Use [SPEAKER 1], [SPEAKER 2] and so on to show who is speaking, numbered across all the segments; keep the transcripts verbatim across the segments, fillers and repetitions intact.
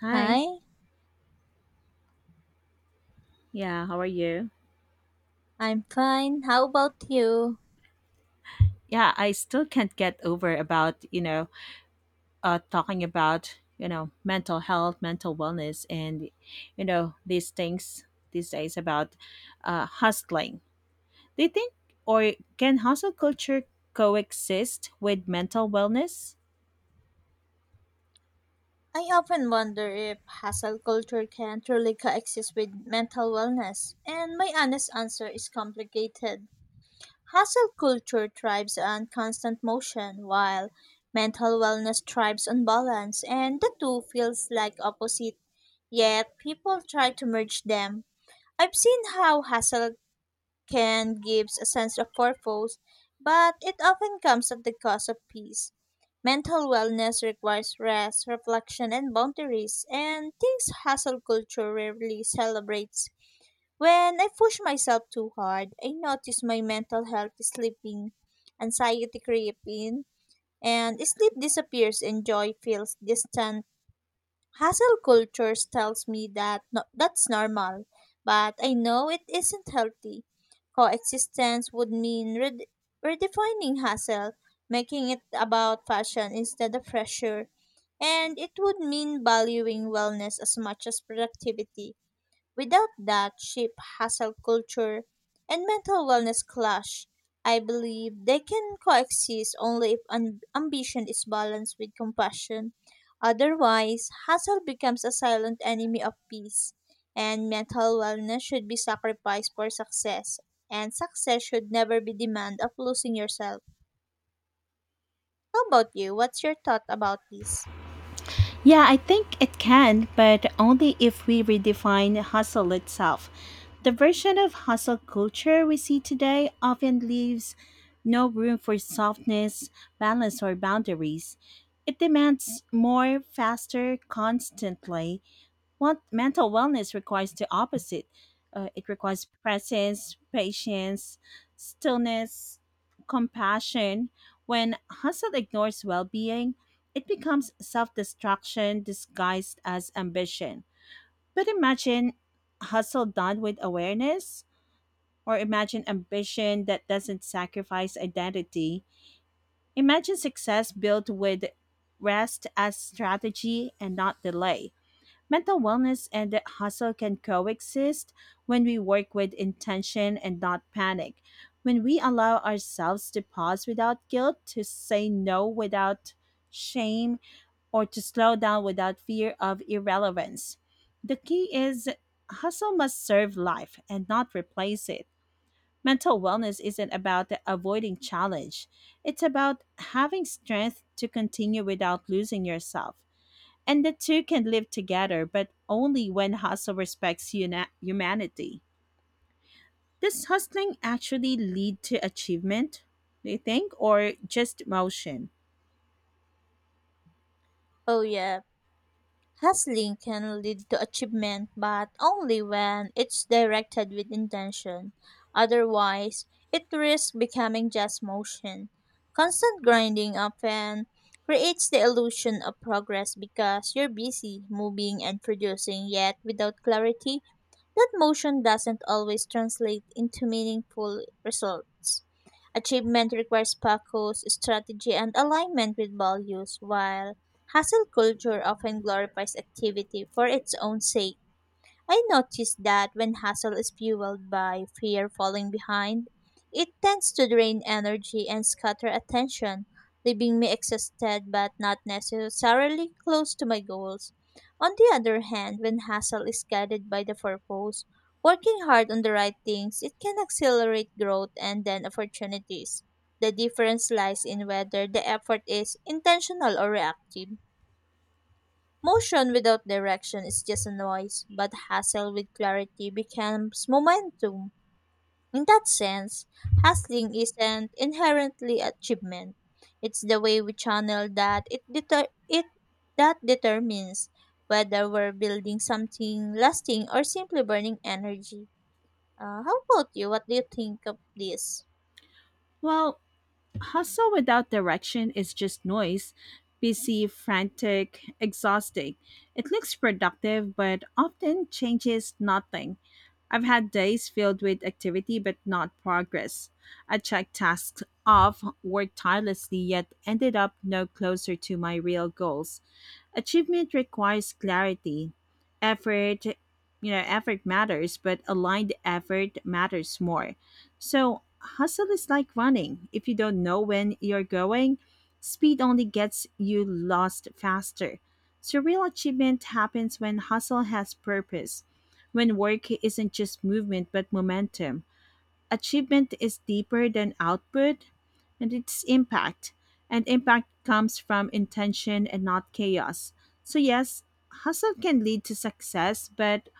[SPEAKER 1] Hi.
[SPEAKER 2] Hi,
[SPEAKER 1] Yeah, how are you?
[SPEAKER 2] I'm fine. How about you?
[SPEAKER 1] Yeah, I still can't get over about, you know, uh talking about, you know, mental health, mental wellness, and you know, these things these days about uh hustling. Do you think or can hustle culture coexist with mental wellness?
[SPEAKER 2] I often wonder if hustle culture can truly coexist with mental wellness, and my honest answer is complicated. Hustle culture thrives on constant motion, while mental wellness thrives on balance, and the two feels like opposite. Yet people try to merge them. I've seen how hustle can gives a sense of purpose, but it often comes at the cost of peace. Mental wellness requires rest, reflection, and boundaries, and things hustle culture rarely celebrates. When I push myself too hard, I notice my mental health is slipping, anxiety creep in, and sleep disappears and joy feels distant. Hustle cultures tells me that no, that's normal, but I know it isn't healthy. Coexistence would mean red- redefining hustle, making it about fashion instead of pressure, and it would mean valuing wellness as much as productivity. Without that cheap, hustle culture and mental wellness clash. I believe they can coexist only if un- ambition is balanced with compassion. Otherwise, hustle becomes a silent enemy of peace, and mental wellness should be sacrificed for success, and success should never be demand of losing yourself. How about you? What's your thought about this?
[SPEAKER 1] Yeah, I think it can, but only if we redefine hustle itself. The version of hustle culture we see today often leaves no room for softness, balance, or boundaries. It demands more, faster, constantly, what mental wellness requires the opposite. Uh, it requires presence, patience, stillness, compassion. When hustle ignores well-being, it becomes self-destruction disguised as ambition. But imagine hustle done with awareness, or imagine ambition that doesn't sacrifice identity. Imagine success built with rest as strategy and not delay. Mental wellness and hustle can coexist when we work with intention and not panic. When we allow ourselves to pause without guilt, to say no without shame, or to slow down without fear of irrelevance. The key is hustle must serve life and not replace it. Mental wellness isn't about avoiding challenge, it's about having strength to continue without losing yourself. And the two can live together, but only when hustle respects una- humanity. Does hustling actually lead to achievement, do you think, or just motion?
[SPEAKER 2] Oh, yeah. Hustling can lead to achievement, but only when it's directed with intention. Otherwise, it risks becoming just motion. Constant grinding often creates the illusion of progress because you're busy moving and producing, yet without clarity that motion doesn't always translate into meaningful results. Achievement requires focus, strategy, and alignment with values, while hustle culture often glorifies activity for its own sake. I noticed that when hustle is fueled by fear falling behind, it tends to drain energy and scatter attention, leaving me exhausted but not necessarily close to my goals. On the other hand, when hustle is guided by the purpose, working hard on the right things, it can accelerate growth and then opportunities. The difference lies in whether the effort is intentional or reactive. Motion without direction is just a noise, but hustle with clarity becomes momentum. In that sense, hustling isn't inherently achievement. It's the way we channel that it deter- it that determines whether we're building something lasting or simply burning energy. Uh, how about you? What do you think of this?
[SPEAKER 1] Well, hustle without direction is just noise, busy, frantic, exhausting. It looks productive but often changes nothing. I've had days filled with activity but not progress. I checked tasks off, worked tirelessly, yet ended up no closer to my real goals. Achievement requires clarity. Effort, you know, effort matters, but aligned effort matters more. So, hustle is like running. If you don't know when you're going, speed only gets you lost faster. So, real achievement happens when hustle has purpose, when work isn't just movement but momentum. Achievement is deeper than output and its impact, and impact comes from intention and not chaos. So, yes, hustle can lead to success, but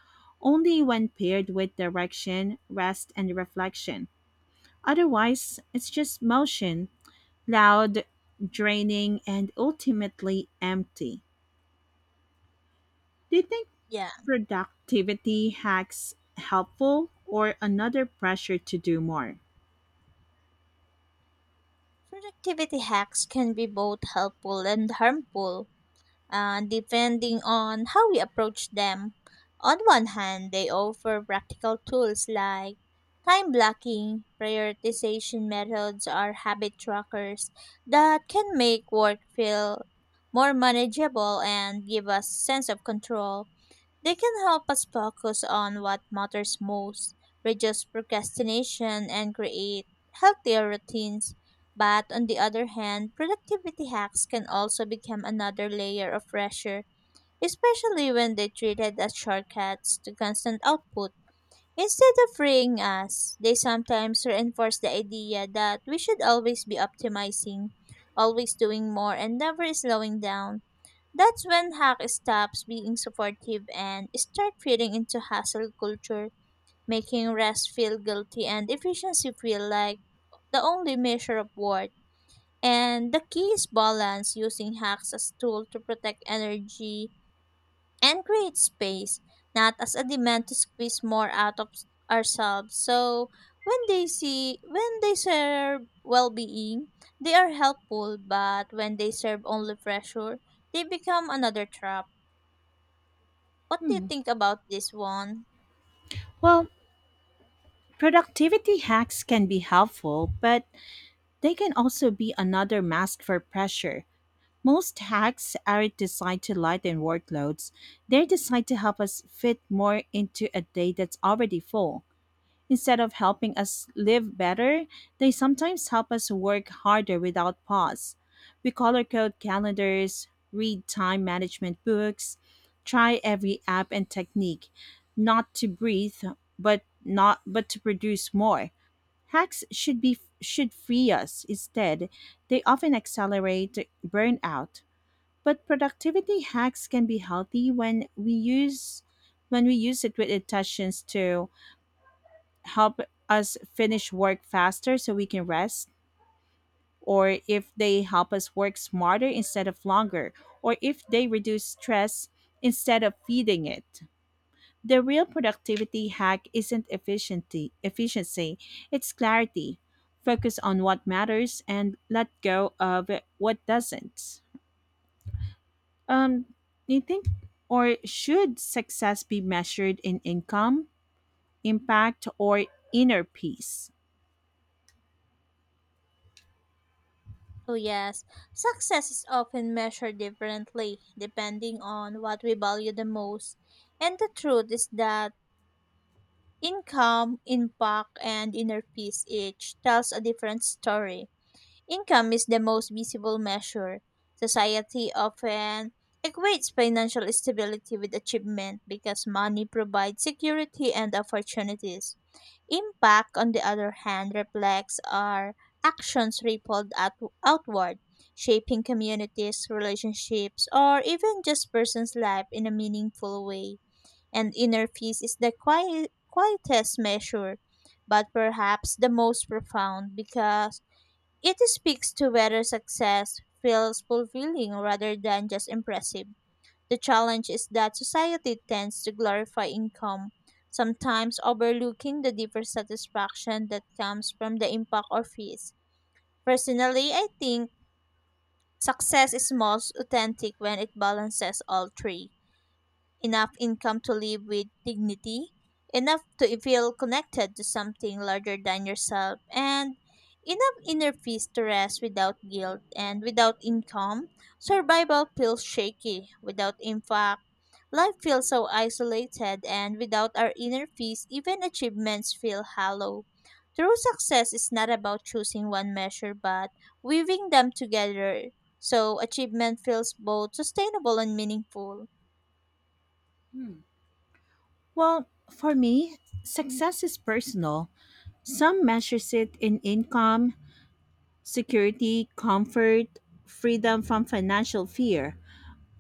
[SPEAKER 1] only when paired with direction, rest, and reflection. Otherwise, it's just motion, loud, draining, and ultimately empty. Do you think
[SPEAKER 2] Yeah.
[SPEAKER 1] productivity hacks helpful or another pressure to do more?
[SPEAKER 2] Productivity hacks can be both helpful and harmful, uh, depending on how we approach them. On one hand, they offer practical tools like time blocking, prioritization methods, or habit trackers that can make work feel more manageable and give us sense of control. They can help us focus on what matters most, reduce procrastination, and create healthier routines. But on the other hand, productivity hacks can also become another layer of pressure, especially when they're treated as shortcuts to constant output. Instead of freeing us, they sometimes reinforce the idea that we should always be optimizing, always doing more, and never slowing down. That's when hack stops being supportive and start feeding into hustle culture, making rest feel guilty and efficiency feel like the only measure of worth. And the key is balance using hacks as tool to protect energy and create space, not as a demand to squeeze more out of ourselves. So when they see when they serve well being, they are helpful, but when they serve only pressure, they become another trap. What do you
[SPEAKER 1] Hmm.
[SPEAKER 2] think about this one?
[SPEAKER 1] Well, productivity hacks can be helpful, but they can also be another mask for pressure. Most hacks aren't designed to lighten workloads. They're designed to help us fit more into a day that's already full. Instead of helping us live better, they sometimes help us work harder without pause. We color code calendars, read time management books, try every app and technique, not to breathe, but not but to produce more. Hacks should be should free us. Instead, they often accelerate burnout. But productivity hacks can be healthy when we use when we use it with intentions to help us finish work faster so we can rest, or if they help us work smarter instead of longer, or if they reduce stress instead of feeding it. The real productivity hack isn't efficiency, efficiency, it's clarity. Focus on what matters and let go of what doesn't. Um, do you think or should success be measured in income, impact, or inner peace?
[SPEAKER 2] Oh, yes. Success is often measured differently depending on what we value the most. And the truth is that income, impact, and inner peace each tells a different story. Income is the most visible measure. Society often equates financial stability with achievement because money provides security and opportunities. Impact, on the other hand, reflects our actions rippled out- outward, shaping communities, relationships, or even just person's life in a meaningful way. And inner peace is the quiet, quietest measure, but perhaps the most profound because it speaks to whether success feels fulfilling rather than just impressive. The challenge is that society tends to glorify income, sometimes overlooking the deeper satisfaction that comes from the impact or fees. Personally, I think success is most authentic when it balances all three, enough income to live with dignity, enough to feel connected to something larger than yourself, and enough inner peace to rest without guilt and without income. Survival feels shaky without impact. Life feels so isolated, and without our inner peace, even achievements feel hollow. True success is not about choosing one measure, but weaving them together so achievement feels both sustainable and meaningful.
[SPEAKER 1] Well, for me, success is personal. Some measures it in income, security, comfort, freedom from financial fear.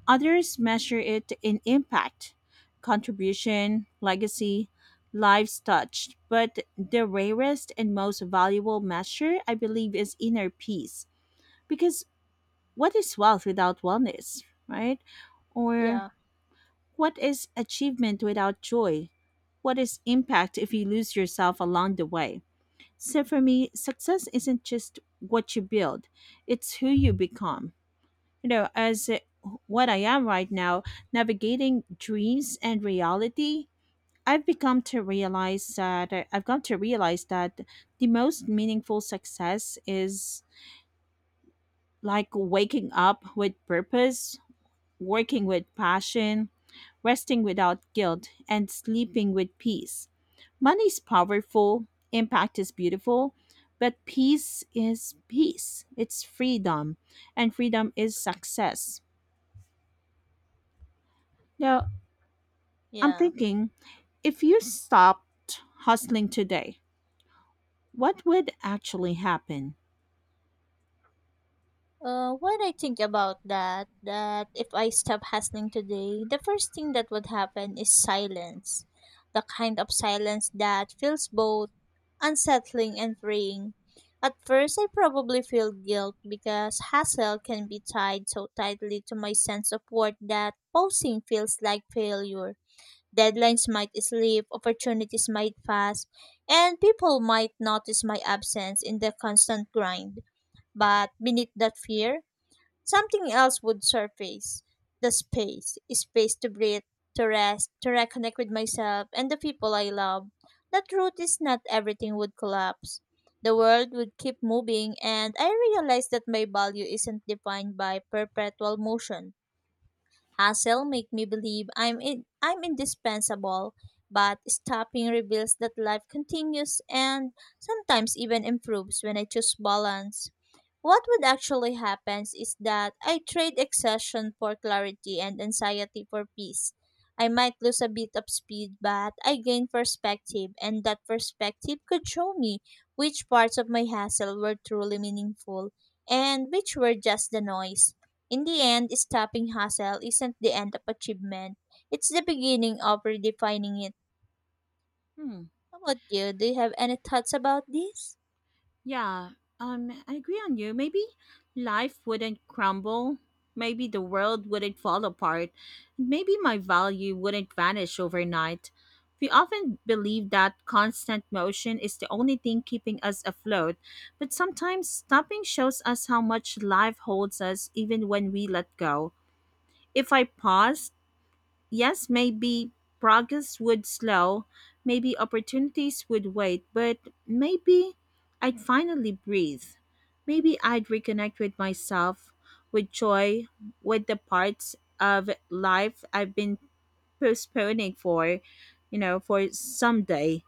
[SPEAKER 1] Others measure it in impact, contribution, legacy, lives touched. But the rarest and most valuable measure, I believe, is inner peace. Because what is wealth without wellness, right? Or
[SPEAKER 2] Yeah.
[SPEAKER 1] what is achievement without joy? What is impact if you lose yourself along the way? So for me, success isn't just what you build, it's who you become. You know, as uh, what I am right now, navigating dreams and reality, I've become to realize that uh, I've come to realize that the most meaningful success is like waking up with purpose, working with passion, resting without guilt, and sleeping with peace. Money is powerful, impact is beautiful, but peace is peace. It's freedom, and freedom is success. Now, I'm
[SPEAKER 2] Yeah.
[SPEAKER 1] thinking, if you stopped hustling today, what would actually happen?
[SPEAKER 2] Uh, what I think about that, that if I stop hustling today, the first thing that would happen is silence. The kind of silence that feels both unsettling and freeing. At first, I probably feel guilt because hustle can be tied so tightly to my sense of worth that pausing feels like failure. Deadlines might slip, opportunities might pass, and people might notice my absence in the constant grind. But beneath that fear, something else would surface, the space, space to breathe, to rest, to reconnect with myself and the people I love. That truth is not everything would collapse. The world would keep moving, and I realized that my value isn't defined by perpetual motion. Hassle make me believe I'm in, I'm indispensable, but stopping reveals that life continues and sometimes even improves when I choose balance. What would actually happen is that I trade exhaustion for clarity and anxiety for peace. I might lose a bit of speed, but I gain perspective, and that perspective could show me which parts of my hassle were truly meaningful and which were just the noise. In the end, stopping hustle isn't the end of achievement, it's the beginning of redefining it.
[SPEAKER 1] Hmm.
[SPEAKER 2] How about you? Do you have any thoughts about this?
[SPEAKER 1] Yeah, um, I agree on you. Maybe life wouldn't crumble. Maybe the world wouldn't fall apart. Maybe my value wouldn't vanish overnight. We often believe that constant motion is the only thing keeping us afloat, but sometimes stopping shows us how much life holds us even when we let go. If I paused, yes, maybe progress would slow, maybe opportunities would wait, but maybe I'd finally breathe. Maybe I'd reconnect with myself, with joy, with the parts of life I've been postponing for, you know, for someday.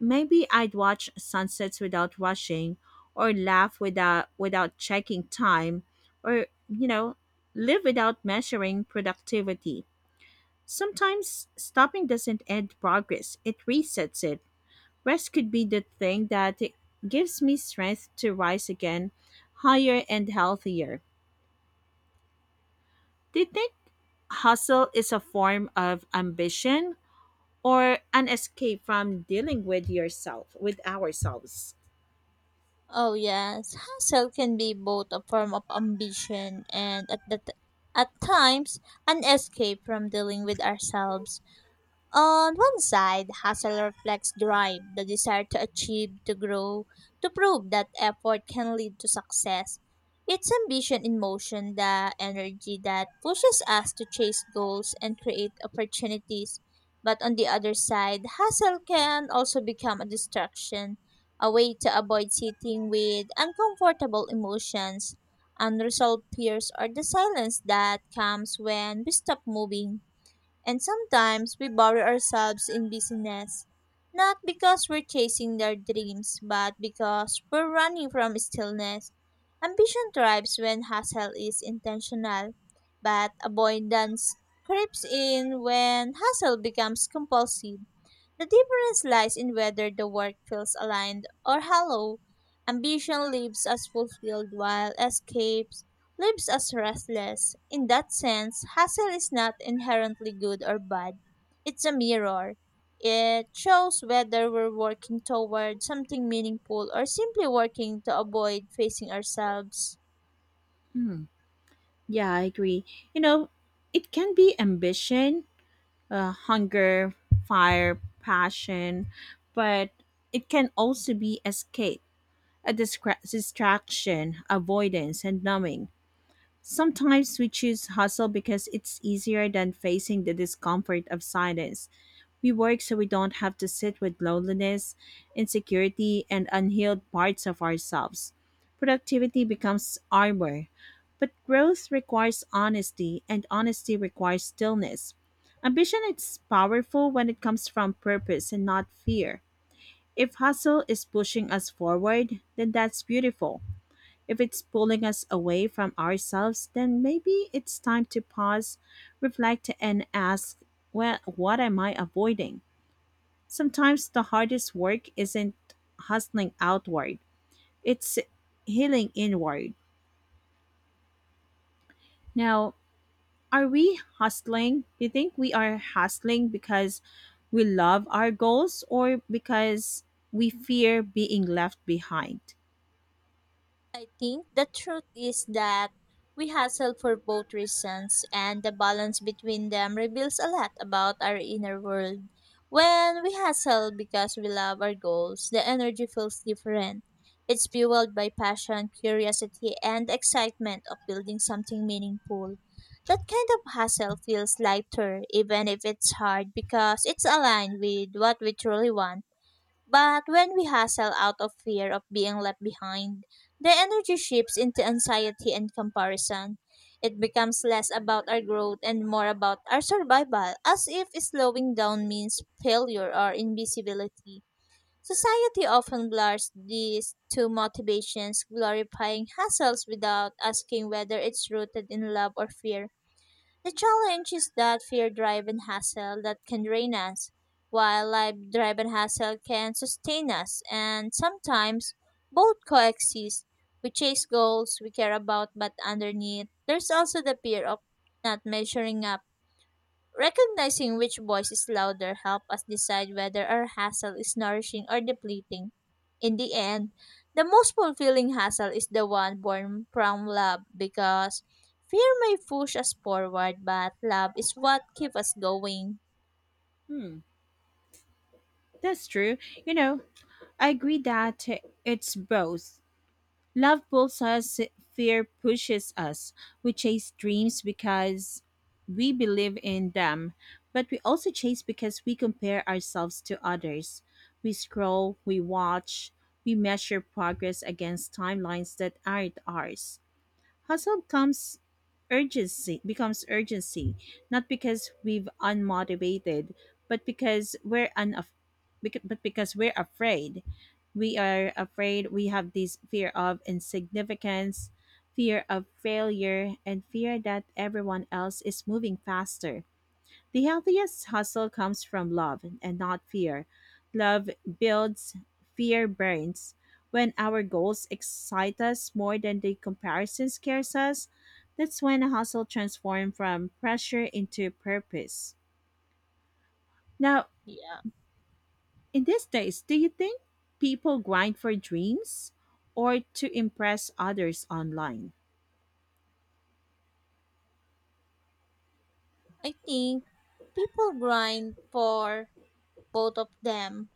[SPEAKER 1] Maybe I'd watch sunsets without rushing, or laugh without without checking time, or, you know, live without measuring productivity. Sometimes stopping doesn't end progress, it resets it. Rest could be the thing that gives me strength to rise again, higher and healthier. Do you think hustle is a form of ambition or an escape from dealing with yourself, with ourselves?
[SPEAKER 2] Oh, yes. Hustle can be both a form of ambition and, at, the t- at times, an escape from dealing with ourselves. On one side, hustle reflects drive, the desire to achieve, to grow, to prove that effort can lead to success. It's ambition in motion, the energy that pushes us to chase goals and create opportunities. But on the other side, hustle can also become a distraction, a way to avoid sitting with uncomfortable emotions, unresolved fears, or the silence that comes when we stop moving. And sometimes we bury ourselves in busyness, not because we're chasing our dreams, but because we're running from stillness. Ambition thrives when hustle is intentional, but avoidance creeps in when hustle becomes compulsive. The difference lies in whether the work feels aligned or hollow. Ambition lives as fulfilled while escapes lives as restless. In that sense, hustle is not inherently good or bad. It's a mirror. It shows whether we're working toward something meaningful or simply working to avoid facing ourselves.
[SPEAKER 1] Hmm. Yeah, I agree. You know, it can be ambition, uh, hunger, fire, passion, but it can also be escape, a distra- distraction, avoidance, and numbing. Sometimes we choose hustle because it's easier than facing the discomfort of silence. We work so we don't have to sit with loneliness, insecurity, and unhealed parts of ourselves. Productivity becomes armor, but growth requires honesty, and honesty requires stillness. Ambition is powerful when it comes from purpose and not fear. If hustle is pushing us forward, then that's beautiful. If it's pulling us away from ourselves, then maybe it's time to pause, reflect, and ask, well, what am I avoiding? Sometimes the hardest work isn't hustling outward, it's healing inward. Now, are we hustling? Do you think we are hustling because we love our goals or because we fear being left behind?
[SPEAKER 2] I think the truth is that we hustle for both reasons, and the balance between them reveals a lot about our inner world. When we hustle because we love our goals, the energy feels different. It's fueled by passion, curiosity, and the excitement of building something meaningful. That kind of hustle feels lighter, even if it's hard, because it's aligned with what we truly want. But when we hustle out of fear of being left behind, the energy shifts into anxiety and comparison. It becomes less about our growth and more about our survival, as if slowing down means failure or invisibility. Society often blurs these two motivations, glorifying hustles without asking whether it's rooted in love or fear. The challenge is that fear driven hassle that can drain us, while life driven hassle can sustain us, and sometimes both coexist. We chase goals we care about, but underneath, there's also the fear of not measuring up. Recognizing which voice is louder help us decide whether our hassle is nourishing or depleting. In the end, the most fulfilling hassle is the one born from love because fear may push us forward, but love is what keeps us going.
[SPEAKER 1] Hmm. That's true. You know, I agree that it's both. Love pulls us, fear pushes us. We chase dreams because we believe in them, but we also chase because we compare ourselves to others. We scroll, we watch, we measure progress against timelines that aren't ours. Hustle comes urgency becomes urgency, not because we've unmotivated, but because we're unaf- bec- but because we're afraid. We are afraid, we have this fear of insignificance, fear of failure, and fear that everyone else is moving faster. The healthiest hustle comes from love and not fear. Love builds, fear burns. When our goals excite us more than the comparison scares us, that's when a hustle transforms from pressure into purpose. Now,
[SPEAKER 2] Yeah.
[SPEAKER 1] in these days, do you think people grind for dreams or to impress others online?
[SPEAKER 2] I think people grind for both of them,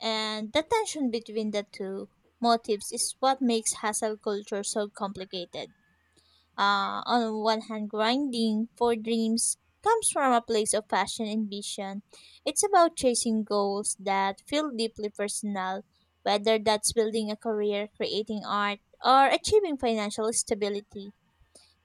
[SPEAKER 2] and the tension between the two motives is what makes hassle culture so complicated. uh, on one hand, grinding for dreams comes from a place of passion and vision. It's about chasing goals that feel deeply personal, whether that's building a career, creating art, or achieving financial stability.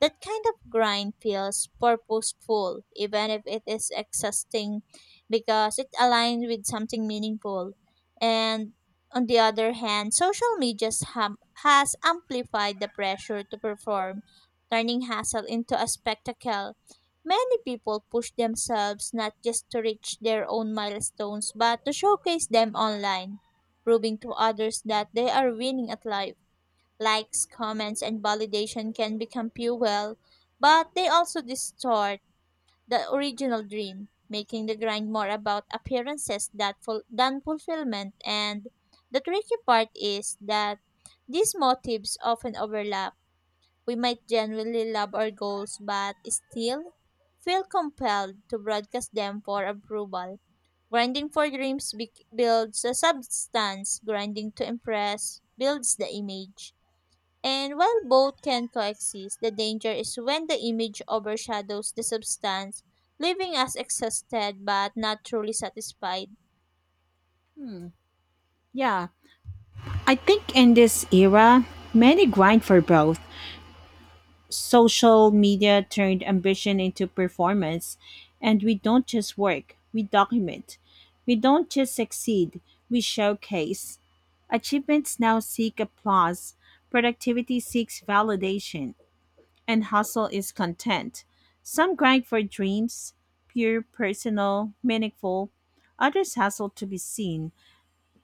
[SPEAKER 2] That kind of grind feels purposeful, even if it is exhausting, because it aligns with something meaningful. And on the other hand, social media ham- has amplified the pressure to perform, turning hustle into a spectacle. Many people push themselves not just to reach their own milestones, but to showcase them online, proving to others that they are winning at life. Likes, comments, and validation can become fuel, but they also distort the original dream, making the grind more about appearances that ful- than fulfillment. And the tricky part is that these motives often overlap. We might genuinely love our goals, but still feel compelled to broadcast them for approval. Grinding for dreams be- builds a substance, grinding to impress builds the image. And while both can coexist, the danger is when the image overshadows the substance, leaving us exhausted but not truly satisfied.
[SPEAKER 1] Yeah, I think in this era, many grind for both. Social media turned ambition into performance, and we don't just work, we document. We don't just succeed, we showcase. Achievements now seek applause, productivity seeks validation, and hustle is content. Some grind for dreams, pure, personal, meaningful, others hustle to be seen,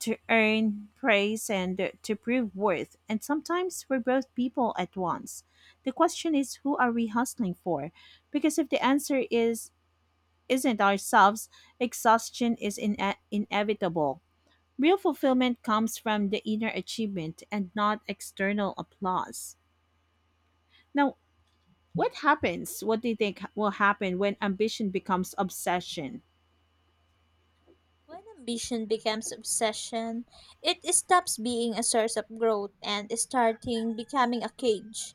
[SPEAKER 1] to earn praise and to prove worth, and sometimes for both people at once. The question is, who are we hustling for? Because if the answer is isn't ourselves, exhaustion is ine- inevitable. Real fulfillment comes from the inner achievement and not external applause. Now, what happens? What do you think will happen when ambition becomes obsession?
[SPEAKER 2] When ambition becomes obsession, it stops being a source of growth and starting becoming a cage.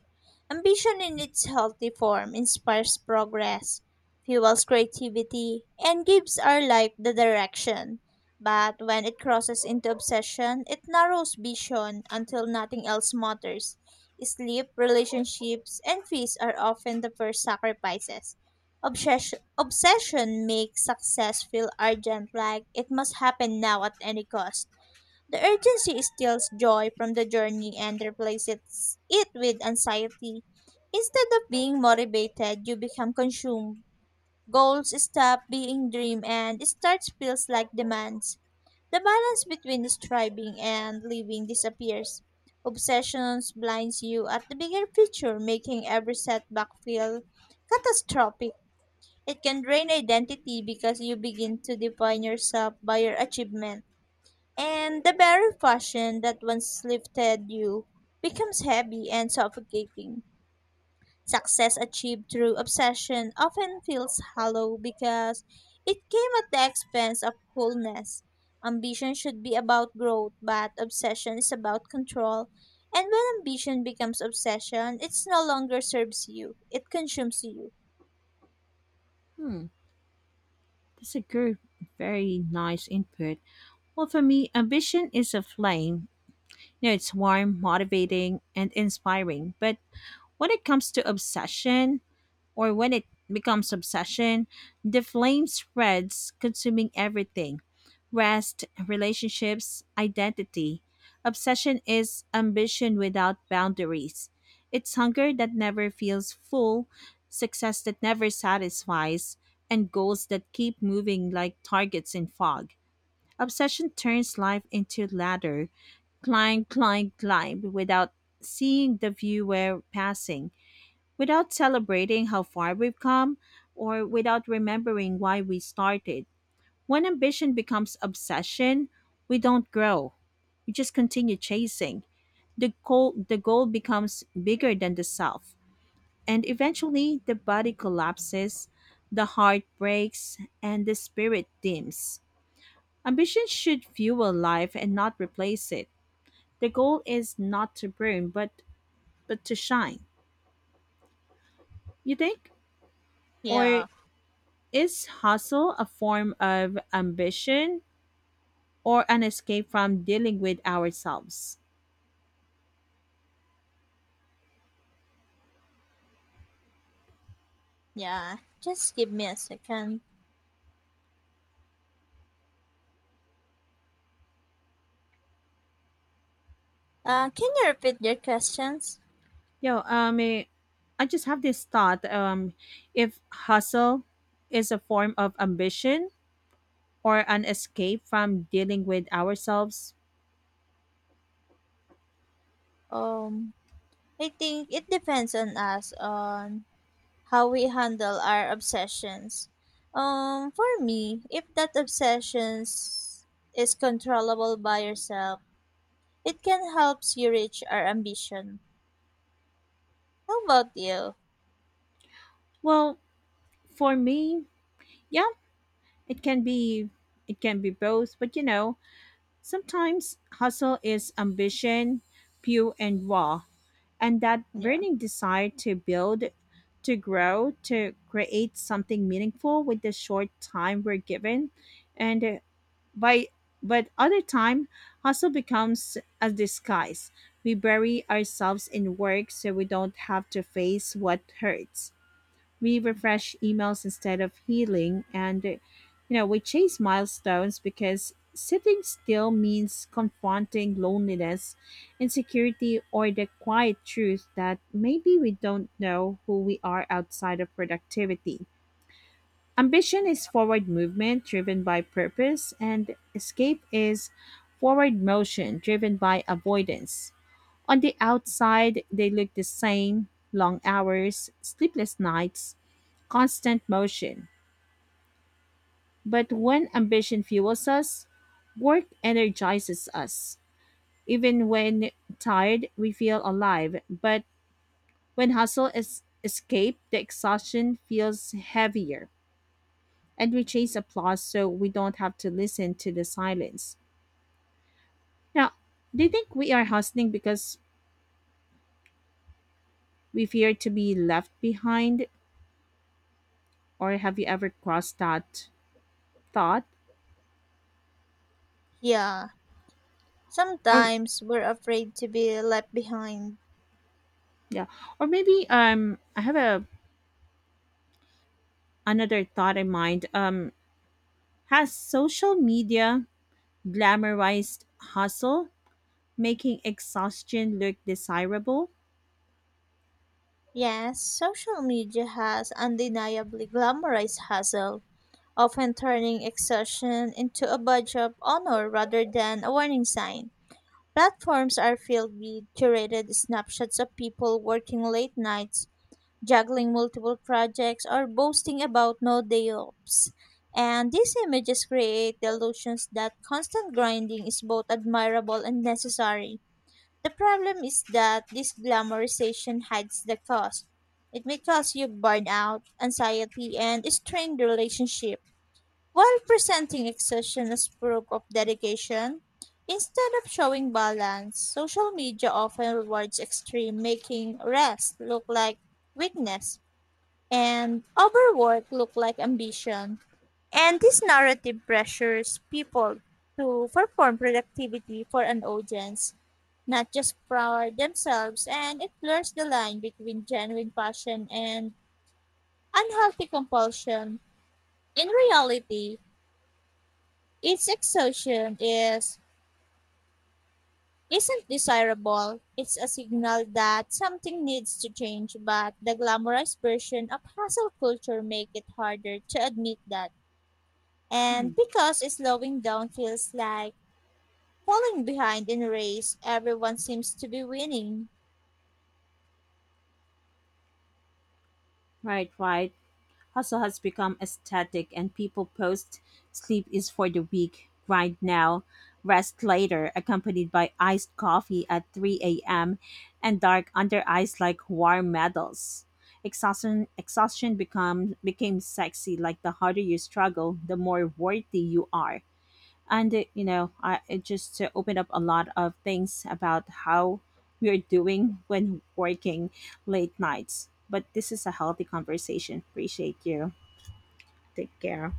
[SPEAKER 2] Ambition in its healthy form inspires progress, fuels creativity, and gives our life the direction. But when it crosses into obsession, it narrows vision until nothing else matters. Sleep, relationships, and fees are often the first sacrifices. Obsession Obsession makes success feel urgent, like it must happen now at any cost. The urgency steals joy from the journey and replaces it with anxiety. Instead of being motivated, you become consumed. Goals stop being dream and starts feels like demands. The balance between striving and living disappears. Obsessions blinds you at the bigger picture, making every setback feel catastrophic. It can drain identity because you begin to define yourself by your achievement. And the very passion that once lifted you becomes heavy and suffocating. Success achieved through obsession often feels hollow because it came at the expense of wholeness. Ambition should be about growth, but obsession is about control. And when ambition becomes obsession, it no longer serves you, it consumes you.
[SPEAKER 1] Hmm, that's a good, very nice input. Well, for me, ambition is a flame. You know, it's warm, motivating, and inspiring, but when it comes to obsession, or when it becomes obsession, the flame spreads, consuming everything, rest, relationships, identity. Obsession is ambition without boundaries. It's hunger that never feels full, success that never satisfies, and goals that keep moving like targets in fog. Obsession turns life into ladder, climb, climb, climb, without seeing the view we're passing, without celebrating how far we've come, or without remembering why we started. When ambition becomes obsession, we don't grow. We just continue chasing. The goal, the goal becomes bigger than the self. And eventually, the body collapses, the heart breaks, and the spirit dims. Ambition should fuel life and not replace it. The goal is not to burn, but, but to shine. You think? Or
[SPEAKER 2] Yeah.
[SPEAKER 1] is hustle a form of ambition or an escape from dealing with ourselves?
[SPEAKER 2] Yeah, just give me a second. Uh, can you repeat your questions?
[SPEAKER 1] Yo, um, eh, I just have this thought. Um, if hustle is a form of ambition or an escape from dealing with ourselves,
[SPEAKER 2] Um, I think it depends on us on how we handle our obsessions. Um, for me, if that obsessions is controllable by yourself, it can help you reach our ambition. How about you?
[SPEAKER 1] well, for me, yeah, it can be, it can be both. But you know, sometimes hustle is ambition, pure and raw, and that
[SPEAKER 2] Yeah.
[SPEAKER 1] burning desire to build, to grow, to create something meaningful with the short time we're given. And uh, by but other time, hustle becomes a disguise. We bury ourselves in work so we don't have to face what hurts. We refresh emails instead of healing, and uh, you know, we chase milestones because sitting still means confronting loneliness, insecurity, or the quiet truth that maybe we don't know who we are outside of productivity. Ambition
[SPEAKER 2] Yeah.
[SPEAKER 1] is forward movement driven by purpose, and escape is forward motion driven by avoidance. On the outside, they look the same, long hours, sleepless nights, constant motion. But when ambition fuels us, work energizes us. Even when tired, we feel alive. But when hustle is escaped, the exhaustion feels heavier. And we chase applause so we don't have to listen to the silence. Now, do you think we are hustling because we fear to be left behind? Or have you ever crossed that thought?
[SPEAKER 2] Yeah.
[SPEAKER 1] Or
[SPEAKER 2] Sometimes we're afraid to be left behind.
[SPEAKER 1] yeah, or maybe um I have a another thought in mind. Um has social media glamorized hustle, making exhaustion look desirable?
[SPEAKER 2] Yes, social media has undeniably glamorized hustle, often turning exhaustion into a badge of honor rather than a warning sign. Platforms are filled with curated snapshots of people working late nights, juggling multiple projects, or boasting about no day offs. And these images create the illusions that constant grinding is both admirable and necessary. The problem is that this glamorization hides the cost. It may cause you burnout, anxiety, and strained relationship while presenting exertion as proof of dedication. Instead of showing balance, social media often rewards extreme, making rest look like weakness and overwork look like ambition. And this narrative pressures people to perform productivity for an audience, not just for themselves, and it blurs the line between genuine passion and unhealthy compulsion. In reality, Its exhaustion is isn't desirable. It's a signal that something needs to change, but the glamorized version of hustle culture make it harder to admit that.
[SPEAKER 1] Hmm.
[SPEAKER 2] And because slowing down feels like falling behind in a race, everyone seems to be winning.
[SPEAKER 1] Right, right. Hustle has become aesthetic, and people post sleep is for the weak, grind now, rest later, accompanied by iced coffee at three a m and dark under eyes like war medals. Exhaustion, exhaustion become, became sexy, like the harder you struggle, the more worthy you are. And, uh, you know, I, it just uh, opened up a lot of things about how we're doing when working late nights. But this is a healthy conversation. Appreciate you. Take care.